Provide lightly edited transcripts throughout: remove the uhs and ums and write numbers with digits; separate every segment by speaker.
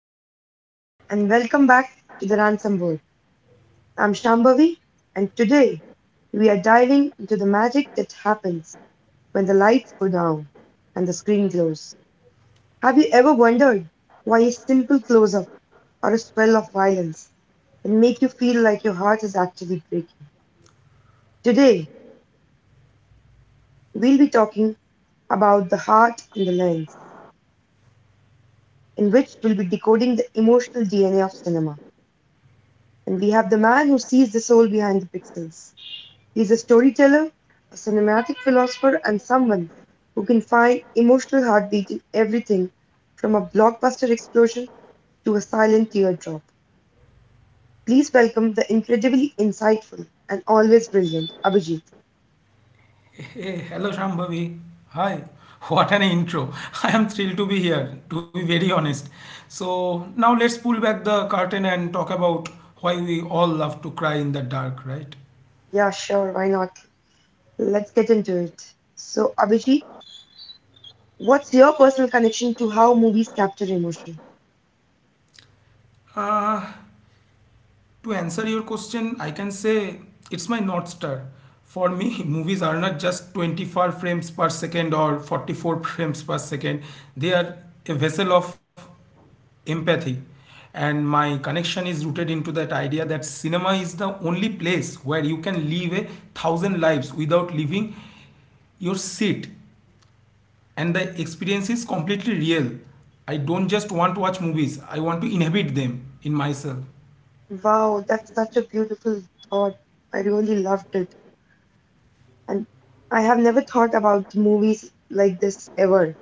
Speaker 1: Everyone, and welcome back to the Ransom World. I'm Shambhavi, and today we are diving into the magic that happens when the lights go down and the screen glows. Have you ever wondered why a simple close up or a spell of violence can make you feel like your heart is actually breaking? Today, we'll be talking about the heart and the lens, in which we'll be decoding the emotional DNA of cinema. And we have the man who sees the soul behind the pixels. He is a storyteller, a cinematic philosopher, and someone who can find emotional heartbeat in everything from a blockbuster explosion to a silent teardrop. Please welcome the incredibly insightful and always brilliant Abhijit.
Speaker 2: Hey, hello Shambhavi. Hi. What an intro. I am thrilled to be here, to be very honest. So now let's pull back the curtain and talk about why we all love to cry in the dark, right?
Speaker 1: Yeah, sure, why not? Let's get into it. So, Abhijit, what's your personal connection to how movies capture emotion?
Speaker 2: Uh, To answer your question, I can say it's my North Star. For me, movies are not just 24 frames per second or 44 frames per second, they are a vessel of empathy. And my connection is rooted into that idea that cinema is the only place where you can live a thousand lives without leaving your seat, and the experience is completely real. I don't just want to watch movies, I want to inhabit them in myself.
Speaker 1: Wow, that's such a beautiful thought. I really loved it. And I have never thought about movies like this ever.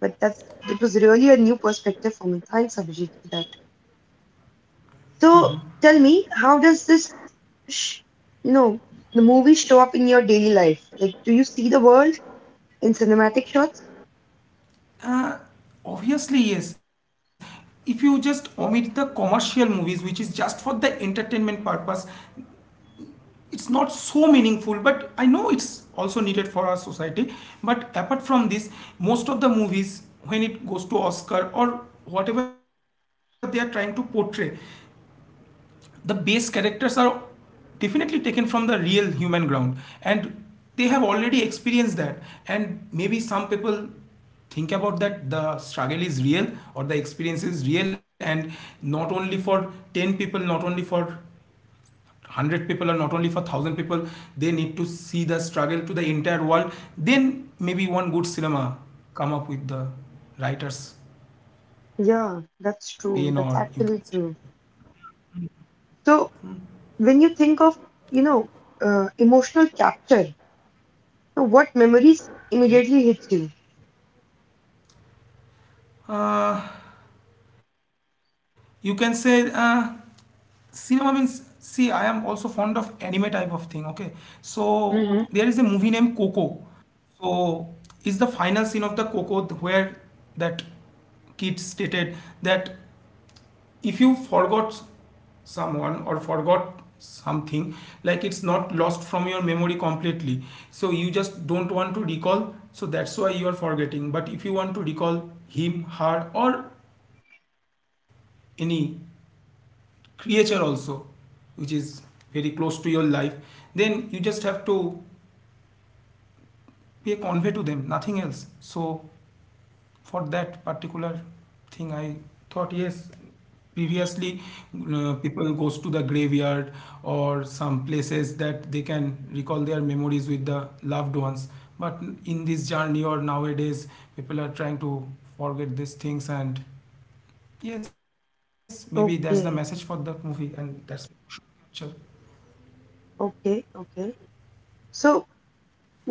Speaker 1: But that's, it was really a new perspective for me. Thanks, Abhijit, for that. So tell me, how does this, sh you know, the movie show up in your daily life? Like, do you see the world in cinematic shots?
Speaker 2: Uh, Obviously, yes. If you just omit the commercial movies, which is just for the entertainment purpose, it's not so meaningful, but I know it's also needed for our society. But apart from this, most of the movies, when it goes to Oscar or whatever they are trying to portray, the base characters are definitely taken from the real human ground, and they have already experienced that. And maybe some people think about that the struggle is real or the experience is real, and not only for 10 people, not only for 100 people, or not only for 1000 people. They need to see the struggle to the entire world, then maybe one good cinema come up with the writer's
Speaker 1: Yeah,
Speaker 2: pain,
Speaker 1: that's
Speaker 2: or
Speaker 1: true.
Speaker 2: you
Speaker 1: That's
Speaker 2: can say.
Speaker 1: actually true. So when you think of, you know, emotional capture, so what memories immediately hit
Speaker 2: Okay.
Speaker 1: you?
Speaker 2: uh, you can say, cinema means, see, I am also fond of anime type of thing, okay? So there
Speaker 1: Mm-hmm.
Speaker 2: is a movie named Coco. So is the final scene of the Coco where that kid stated that if you forgot someone or forgot something, like, it's not lost from your memory completely. So you just don't want to recall, so that's why you are forgetting. But if you want to recall him, her, or any creature also which is very close to your life, then you just have to be a convey to them, nothing else. So for that particular thing, I thought, yes, previously, people goes to the graveyard or some places that they can recall their memories with the loved ones. But in this journey or nowadays, people are trying to forget these things. And yes, maybe that's the message for that
Speaker 1: Okay,
Speaker 2: movie, and that's sure.
Speaker 1: okay, okay. So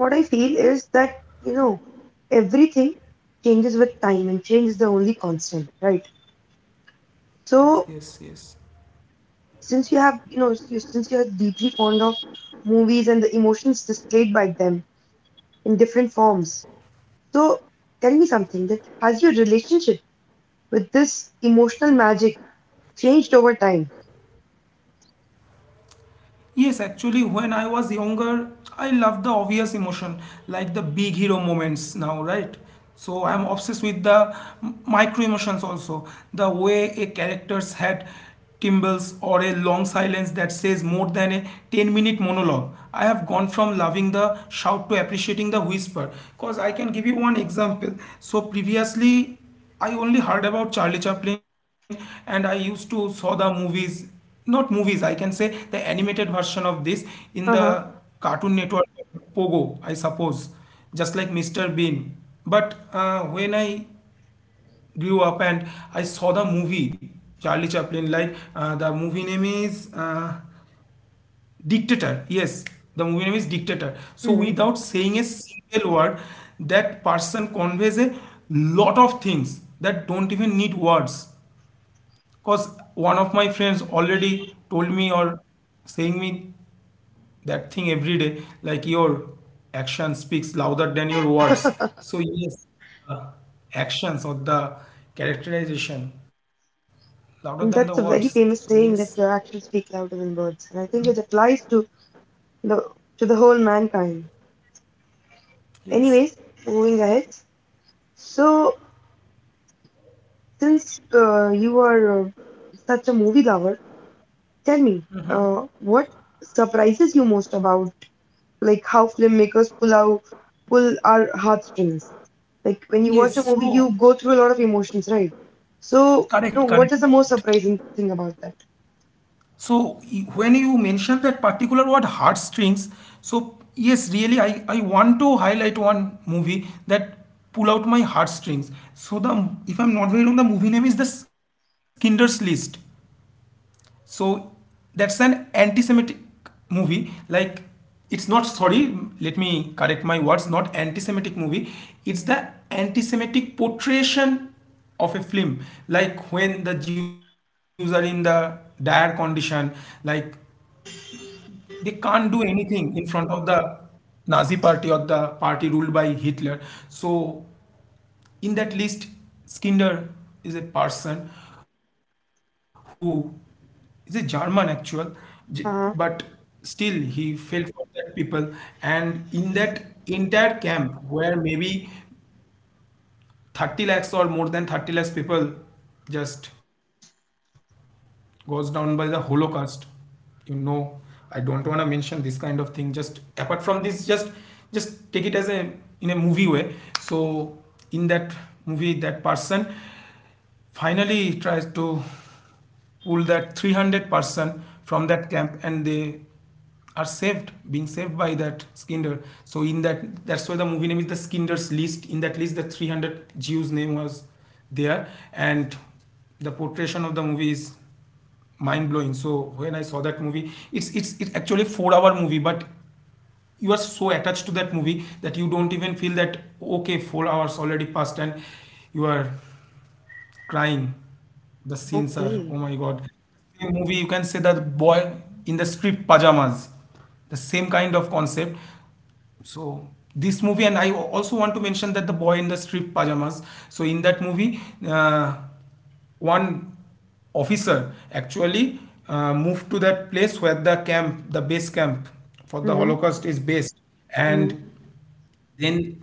Speaker 1: what I feel is that, you know, everything changes with time and change is the only constant, right?
Speaker 2: Yes,
Speaker 1: So,
Speaker 2: yes, yes.
Speaker 1: since you have, you know, since you're deeply fond of movies and the emotions displayed by them in different forms, so tell me something that has your relationship with this emotional magic changed over time?
Speaker 2: Yes, actually, when I was younger, I loved the obvious emotion, like the big hero moments now, right? So I'm obsessed with the micro emotions also. The way a character's head timbles, or a long silence that says more than a 10-minute monologue. I have gone from loving the shout to appreciating the whisper. Because I can give you one example. So previously, I only heard about Charlie Chaplin, and I used to saw the movies. Not movies, I can say the animated version of this in
Speaker 1: Uh
Speaker 2: the
Speaker 1: huh.
Speaker 2: Cartoon Network, Pogo, I suppose, just like Mr. Bean. But when I grew up and I saw the movie Charlie Chaplin, like, the movie name is, Dictator. Yes, the movie name is Dictator. So without
Speaker 1: Hmm.
Speaker 2: saying a single word, that person conveys a lot of things that don't even need words, because one of my friends already told me or saying me that thing every day, like, your action speaks louder than your words. So yes, uh, actions or the characterization louder than the words.
Speaker 1: That's a
Speaker 2: So
Speaker 1: very
Speaker 2: yes,
Speaker 1: famous saying that your actions speak louder than words, and I think it applies the to the whole mankind.
Speaker 2: yes,
Speaker 1: Anyways, moving ahead. So, since you are such a movie lover, tell me, what surprises you most about like how filmmakers pull our heartstrings? Like when you watch
Speaker 2: yes.
Speaker 1: a movie,
Speaker 2: So
Speaker 1: you go through a lot of emotions, right? So, you know,
Speaker 2: correct,
Speaker 1: what
Speaker 2: correct.
Speaker 1: is the most surprising thing about that?
Speaker 2: So when you mentioned that particular word heartstrings, so yes, really, I want to highlight one movie that pull out my heartstrings. So the, if I'm not very wrong, the movie name is The Skinder's List. So that's an anti-Semitic movie. Like, it's not, sorry, let me correct my words. Not anti-Semitic movie. It's the anti-Semitic portrayal of a film, like when the jews are in the dire condition, like, they can't do anything in front of the Nazi party or the party ruled by Hitler. So in that list, Skinner is a person who is a German actual, J-
Speaker 1: Uh-huh.
Speaker 2: but still he felt for that people. And in that entire camp, where maybe 30 lakhs or more than 30 lakhs people just goes down by the holocaust, you know. I don't want to mention this kind of thing, just apart from this, just take it as a, in a movie way. So in that movie, that person, finally he tries to pull that 300-person from that camp, and they are saved, being saved by that skinder. So in that, that's why the movie name is the Skinder's List. In that list, the 300 jews name was there. And the portrayal of the movie is mind blowing. So when I saw that movie, it's actually 4-hour movie, but you are so attached to that movie that you don't even feel that, okay, 4 hours already passed, and you are crying. The scenes are, oh
Speaker 1: Okay.
Speaker 2: my God. Same movie, you can say, that boy in the strip pajamas. The same kind of concept. So this movie, and I also want to mention that the boy in the strip pajamas. So in that movie, uh, one officer actually moved to that place where the camp, the base camp for the
Speaker 1: Mm-hmm.
Speaker 2: Holocaust is based, and
Speaker 1: Mm-hmm.
Speaker 2: then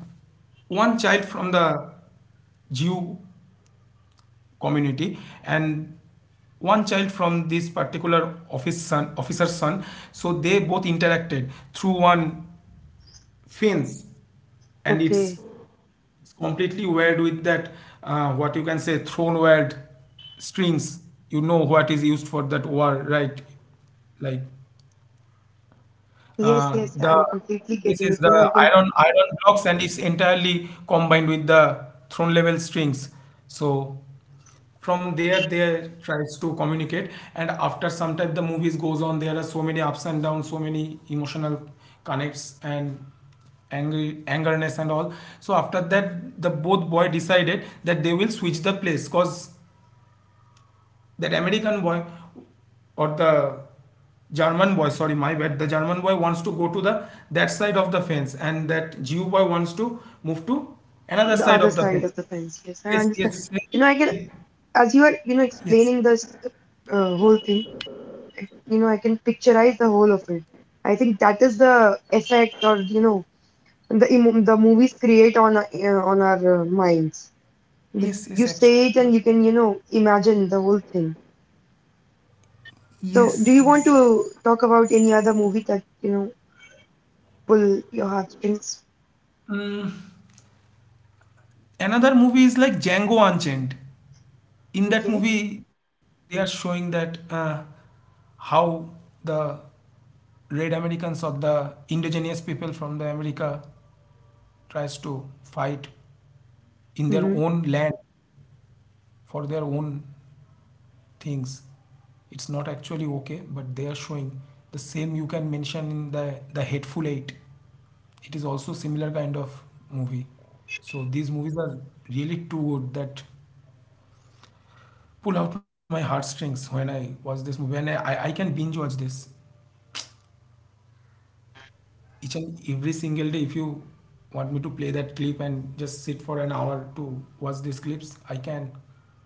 Speaker 2: one child from the Jew community and one child from this particular office son, officer's son, so they both interacted through one fence, and
Speaker 1: Okay.
Speaker 2: it's completely wired with that, what you can say, thrown wired strings, you know, what is used for that war, right? Like,
Speaker 1: Yes, yes,
Speaker 2: The
Speaker 1: I'm completely
Speaker 2: this
Speaker 1: getting
Speaker 2: is
Speaker 1: it. You know, I
Speaker 2: the
Speaker 1: can
Speaker 2: iron blocks, and is entirely combined with the throne level strings. So from there they tries to communicate, and after some time the movies goes on. There are so many ups and downs, so many emotional connects, and angry angerness and all. So after that, the both boy decided that they will switch the place, cause that American boy, or the German boy, sorry, my bad, the German boy wants to go to the that side of the fence, and that Jew boy wants to move to another
Speaker 1: the
Speaker 2: side
Speaker 1: other
Speaker 2: of the
Speaker 1: side
Speaker 2: fence.
Speaker 1: of the fence. Yes, I
Speaker 2: Yes,
Speaker 1: understand.
Speaker 2: yes,
Speaker 1: You know, I can,
Speaker 2: yes.
Speaker 1: as you are, you know,
Speaker 2: Yes.
Speaker 1: explaining this whole thing, you know, I can picturize the whole of it. I think that is the effect, or, you know, the movies create on our, on our minds, that you say it and you can, you know, imagine the whole thing. So do you want to talk about any other movie that, you know, pull your heartstrings?
Speaker 2: Mm, another movie is like Django Unchained. In that
Speaker 1: Okay.
Speaker 2: movie, they are showing that, how the red Americans or the indigenous people from the America tries to fight in their own land for their own things. It's not actually okay, but they are showing. The same you can mention in the hateful eight. It is also similar kind of movie. So these movies are really too good that pull out my heartstrings when I watch this movie. And I can binge watch this each and every single day. If you want me to play that clip and just sit for an hour to watch these clips, I can.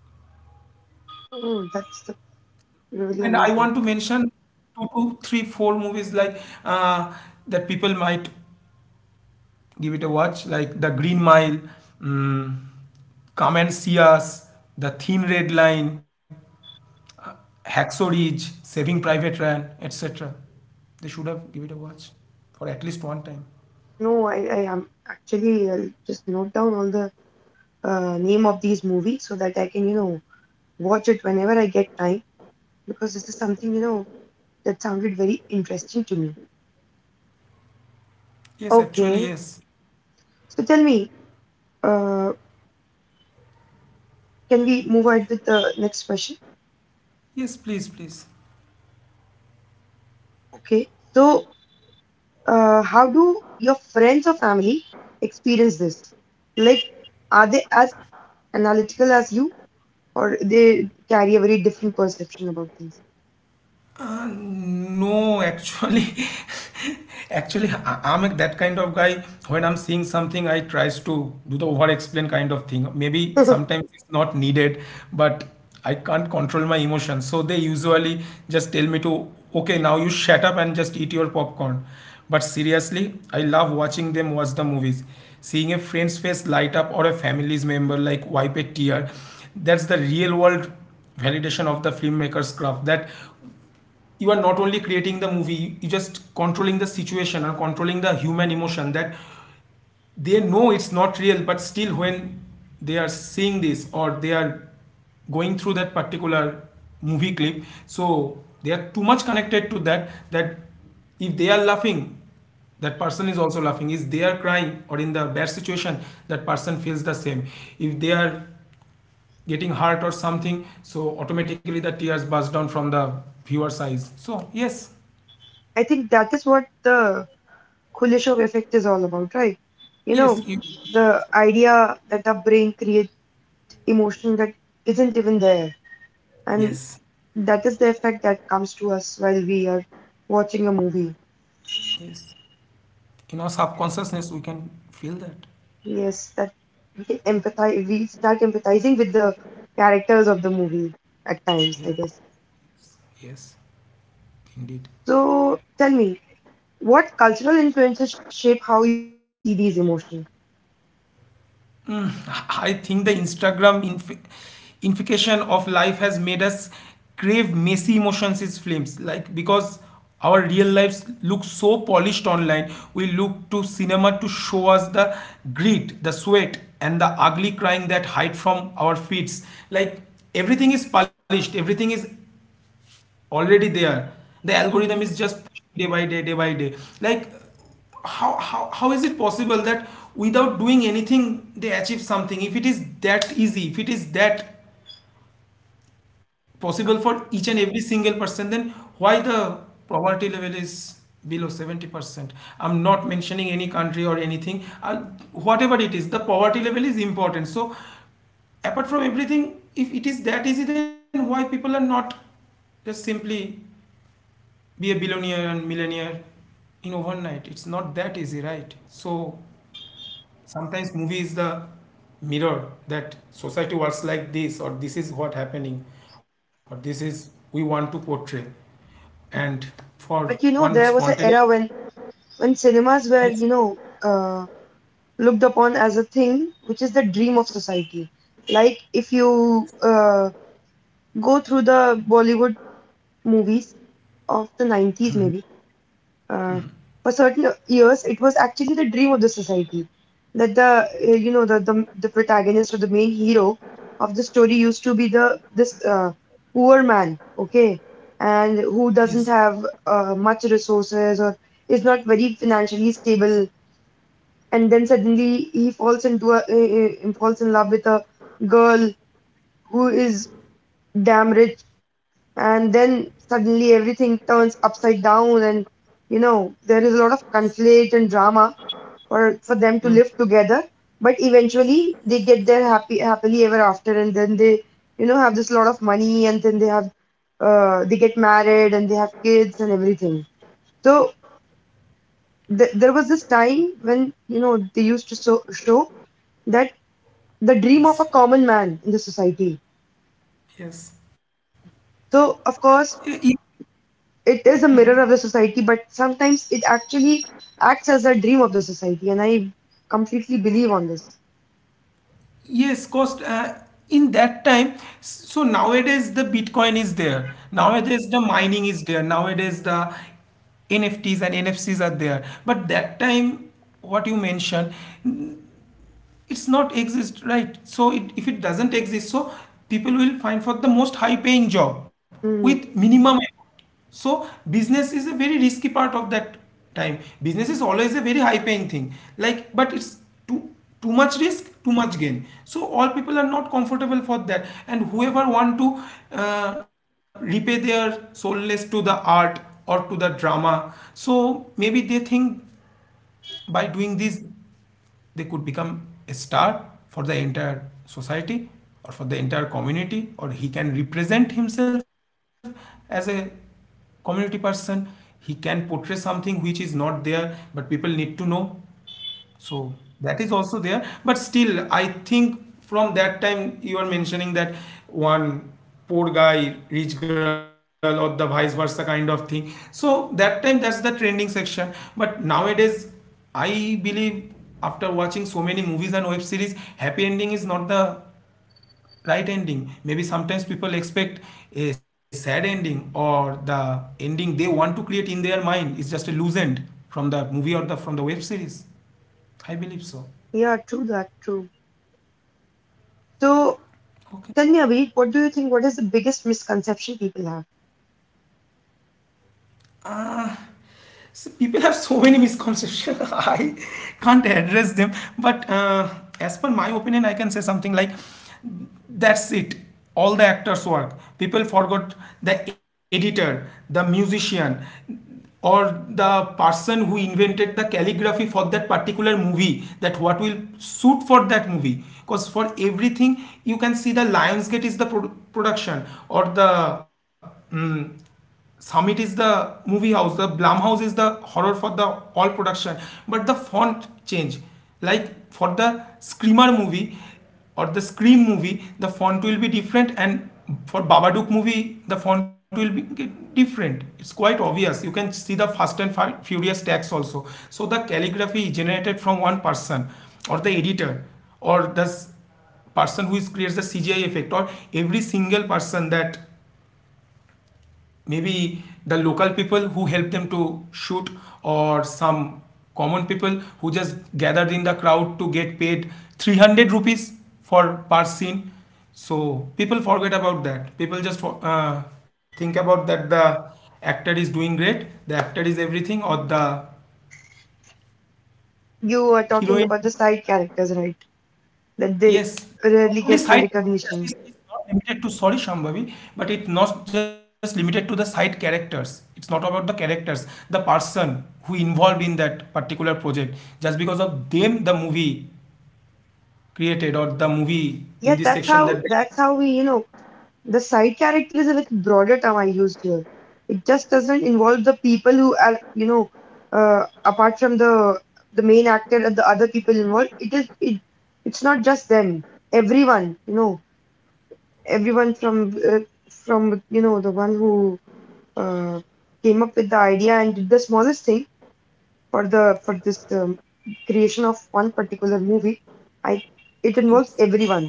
Speaker 1: Oh, that's the, really
Speaker 2: And I
Speaker 1: amazing.
Speaker 2: want to mention two, two, three, four movies, like, that people might give it a watch, like The Green Mile, mm, Come and See Us, The Thin Red Line, uh, Hacksaw Ridge, Saving Private Ryan, etc. They should have give it a watch for at least one time.
Speaker 1: No, I am actually, I'll just note down all the name of these movies so that I can, you know, watch it whenever I get time, because this is something, you know, that sounded very interesting to me.
Speaker 2: Yes, actually,
Speaker 1: Okay,
Speaker 2: yes.
Speaker 1: so tell me, uh, can we move on with the next question? Okay, so how do your friends or family experience this? Like, are they as analytical as you, or they carry a very different perception about things?
Speaker 2: No, actually, actually, I'm that kind of guy. When I'm seeing something, I tries to do the over-explain kind of thing. Maybe sometimes it's not needed, but I can't control my emotions. So they usually just tell me to, okay, now you shut up and just eat your popcorn. But seriously, I love watching them watch the movies. Seeing a friend's face light up or a family's member like wipe a tear, that's the real world validation of the filmmaker's craft, that you are not only creating the movie, you just controlling the situation and controlling the human emotion. That they know it's not real, but still when they are seeing this, or they are going through that particular movie clip, so they are too much connected to that, that if they are laughing, that person is also laughing. If they are crying or in the bad situation, that person feels the same. If they are getting hurt or something, so automatically the tears burst down from the viewer's eyes. So yes.
Speaker 1: I think that is what the Kuleshov effect is all about, right? You know,
Speaker 2: Yes, you,
Speaker 1: the idea that the brain creates emotion that isn't even there. And
Speaker 2: yes,
Speaker 1: that is the effect that comes to us while we are watching a movie.
Speaker 2: yes. In our subconsciousness, we can feel that.
Speaker 1: Yes, that we empathize, we start empathizing with the characters of the movie at times,
Speaker 2: Yes,
Speaker 1: I guess.
Speaker 2: yes, indeed.
Speaker 1: So tell me, what cultural influences shape how you see these emotions?
Speaker 2: I think the Instagram infication of life has made us crave messy emotions as films. Like, because our real lives look so polished online, we look to cinema to show us the grit, the sweat, and the ugly crying that hide from our feeds. Like, everything is polished, everything is already there. The algorithm is
Speaker 1: Mhm.
Speaker 2: just day by day, day by day. Like, how is it possible that without doing anything they achieve something? If it is that easy, if it is that possible for each and every single person, then why the poverty level is below 70%? I'm not mentioning any country or anything. Whatever it is, the poverty level is important. So apart from everything, if it is that easy, then why people are not just simply be a billionaire and millionaire in overnight. It's not that easy, right? So sometimes movie is the mirror that society works like this, or this is what happening, or this is we want to portray. And for
Speaker 1: But you
Speaker 2: one
Speaker 1: know, there was an
Speaker 2: spontaneous,
Speaker 1: era when cinemas were,
Speaker 2: yes,
Speaker 1: you know, uh, looked upon as a thing which is the dream of society. Like if you go through the Bollywood movies of the 90s, maybe, uh, for certain years, it was actually the dream of the society, that the, you know, the protagonist or the main hero of the story used to be the this poor man, okay, and who
Speaker 2: yes,
Speaker 1: doesn't have much resources or is not very financially stable, and then suddenly he falls into falls in love with a girl who is damn rich, and then suddenly everything turns upside down and, you know, there is a lot of conflict and drama for them to live together. But eventually they get there happy happily ever after, and then they, you know, have this lot of money, and then they have, they get married and they have kids and everything. So there was this time when, you know, they used to show that, the dream of a
Speaker 2: yes,
Speaker 1: common man in the society.
Speaker 2: yes.
Speaker 1: So, of course,
Speaker 2: E-
Speaker 1: it is a mirror of the society, but sometimes it actually acts as a dream of the society, and I completely believe on this.
Speaker 2: Yes, cost in that time. So nowadays the Bitcoin is there. Nowadays the mining is there. Nowadays the NFTs and NFCs are there. But that time, what you mentioned, it's not exist, right? So it, if it doesn't exist, so people will find for the most high paying job with
Speaker 1: Hmm.
Speaker 2: minimum effort. So business is a very risky part of that time. Business is always a very high paying thing, like, but it's too too much risk, too much gain, so all people are not comfortable for that. And whoever want to repay their soulless to the art or to the drama, so maybe they think by doing this they could become a star for the entire society, or for the entire community, or he can represent himself as a community person. He can portray something which is not there but people need to know. So that is also there. But still, I think from that time you are mentioning that one poor guy, rich girl, or the vice versa kind of thing. So that time that's the trending section. But nowadays, I believe after watching so many movies and web series, happy ending is not the right ending. Maybe sometimes people expect a sad ending, or the ending they want to create in their mind is just a loose end from the movie or the from the web series. I believe so.
Speaker 1: Yeah, true that, true. So, tell me, Abhi, what do you think? What is the biggest misconception people have?
Speaker 2: Uh, so people have so many misconceptions. I can't address them. But as per my opinion, I can say something like, "That's it. All the actors' work. People forgot the editor, the musician, or the person who invented the calligraphy for that particular movie. That what will suit for that movie. Because for everything, you can see the Lionsgate is the production or the." Summit is the movie house, the Blumhouse is the horror for the all production, but the font change. Like for the Screamer movie or the Scream movie, the font will be different, and for Babadook movie, the font will be get different. It's quite obvious. You can see the Fast and Furious text also. So the calligraphy generated from one person, or the editor, or the person who is creates the CGI effect or every single person. That maybe the local people who help them to shoot, or some common people who just gathered in the crowd to get paid 300 rupees for per scene. So people forget about that. People just think about that the actor is doing great, the actor is everything, or the
Speaker 1: You are talking
Speaker 2: heroine.
Speaker 1: about the side characters, right? That they
Speaker 2: Yes. Not
Speaker 1: rarely
Speaker 2: only
Speaker 1: get the
Speaker 2: side characters,
Speaker 1: recognition.
Speaker 2: it's not limited to sorry, Shambhavi, but it's not just limited to the side characters. It's not about the characters, the person who involved in that particular project. Just because of them, the movie created or the movie in
Speaker 1: Yeah,
Speaker 2: this
Speaker 1: that's
Speaker 2: section
Speaker 1: how,
Speaker 2: that.
Speaker 1: that's how we, you know, the side character is a like broader term I used here. It just doesn't involve the people who are, you know, apart from the main actor and the other people involved. It is it, it's not just them. Everyone, you know, everyone from from, you know, the one who uh, came up with the idea and did the smallest thing for the for this creation of one particular movie, I, it involves everyone.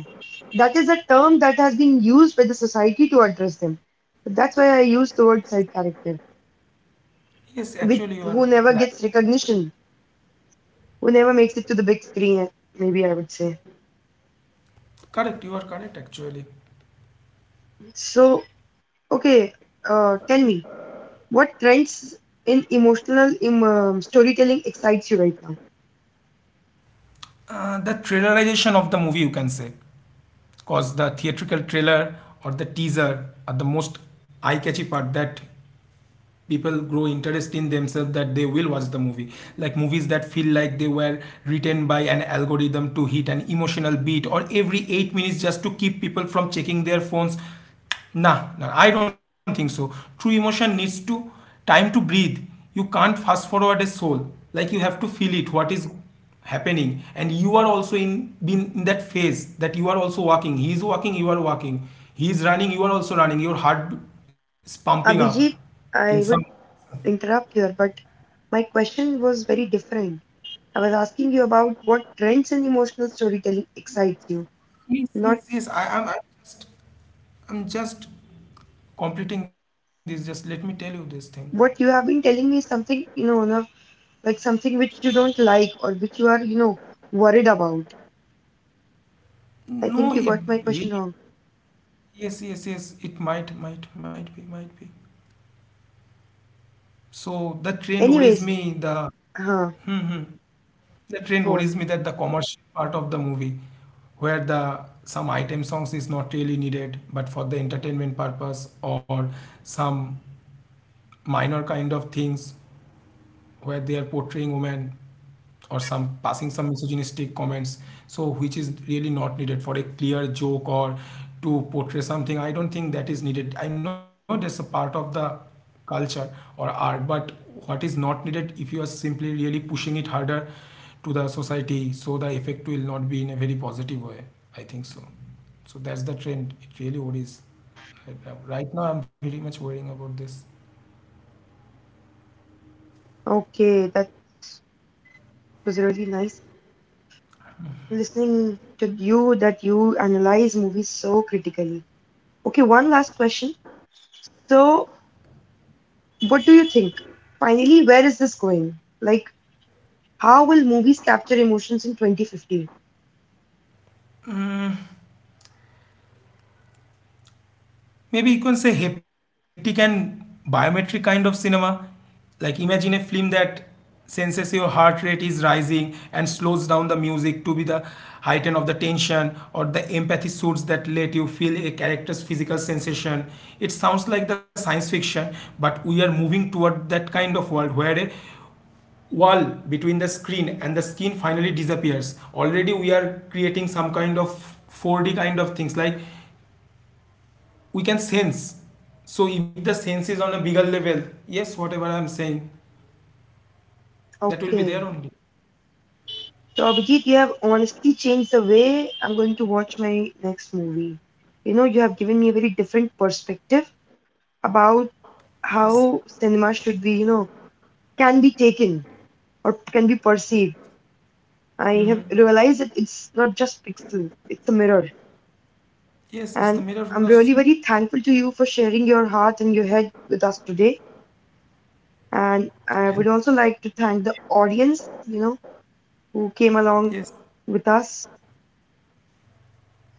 Speaker 1: That is a term that has been used by the society to address them, but that's why I use the word side character,
Speaker 2: Yes,
Speaker 1: which,
Speaker 2: actually, you are
Speaker 1: who never
Speaker 2: right.
Speaker 1: gets recognition, who never makes it to the big screen, maybe, I would say.
Speaker 2: Correct, you are correct, actually.
Speaker 1: So okay, tell me, what trends in storytelling excites you right now?
Speaker 2: The trailerization of the movie, you can say, because the theatrical trailer or the teaser are the most eye-catchy part that people grow interest in themselves that they will watch the movie. Like movies that feel like they were written by an algorithm to hit an emotional beat or every 8 minutes just to keep people from checking their phones. Nah, nah, I don't think so. True emotion needs to time to breathe. You can't fast forward a soul. Like you have to feel it what is happening, and you are also in that phase that you are also walking, he is walking, you are walking, he is running, you are also running, your heart is pumping up
Speaker 1: Abhijit,
Speaker 2: in some.
Speaker 1: I would interrupt here, but my question was very different. I was asking you about what trends in emotional storytelling excites you,
Speaker 2: Yes,
Speaker 1: not
Speaker 2: yes, yes. I'm just, I'm just completing this. Just let me tell you this thing.
Speaker 1: what you have been telling me is something, you know, like something which you don't like or which you are, you know, worried about. I
Speaker 2: No,
Speaker 1: think you
Speaker 2: it
Speaker 1: got my question
Speaker 2: really.
Speaker 1: wrong.
Speaker 2: Yes, yes, yes. It might be. So the trend worries
Speaker 1: Anyways,
Speaker 2: me. The
Speaker 1: huh,
Speaker 2: hmm, hmm. The trend
Speaker 1: go
Speaker 2: worries me
Speaker 1: on.
Speaker 2: that the commercial part of the movie, where the some item songs is not really needed, but for the entertainment purpose or some minor kind of things where they are portraying women or some passing some misogynistic comments, so which is really not needed for a clear joke or to portray something. I don't think that is needed. I know that's a part of the culture or art, but what is not needed if you are simply really pushing it harder to the society, so the effect will not be in a very positive way, I think so. So that's the trend it really worries. Right now I'm very much worrying about this.
Speaker 1: Okay, that was really nice listening to you that you analyze movies so critically. Okay, one last question. So, what do you think? Finally, where is this going? Like, how will movies capture emotions in 2015?
Speaker 2: Maybe you can say haptic and biometric kind of cinema. Like imagine a film that senses your heart rate is rising and slows down the music to be the heighten of the tension, or the empathy suits that let you feel a character's physical sensation. It sounds like the science fiction, but we are moving toward that kind of world where a wall between the screen and the skin finally disappears. Already we are creating some kind of 4D kind of things, like we can sense. So if the sense is on a bigger level, yes, whatever I'm saying, that will be
Speaker 1: Okay,
Speaker 2: there only.
Speaker 1: so Abhijit, you have honestly changed the way I'm going to watch my next movie. You know, you have given me a very different perspective about
Speaker 2: Yes,
Speaker 1: how cinema should be, you know, can be taken or can be perceived. I have realized that it's not just pixels, it's a mirror.
Speaker 2: yes, it's the
Speaker 1: And
Speaker 2: mirror of
Speaker 1: I'm
Speaker 2: the
Speaker 1: really
Speaker 2: society.
Speaker 1: very thankful to you for sharing your heart and your head with us today. And I would
Speaker 2: And
Speaker 1: also like to thank the audience, you know, who came along
Speaker 2: yes,
Speaker 1: with us.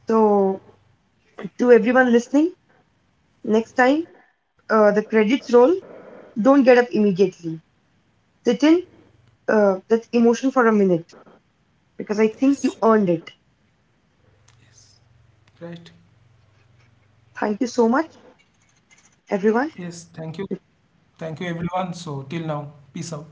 Speaker 1: So, to everyone listening, next time the credits roll, don't get up immediately. Sit in that emotion for a minute, because I think you
Speaker 2: yes,
Speaker 1: earned it.
Speaker 2: yes, right.
Speaker 1: Thank you so much, everyone.
Speaker 2: Yes, thank you. Thank you, everyone. So till now, peace out.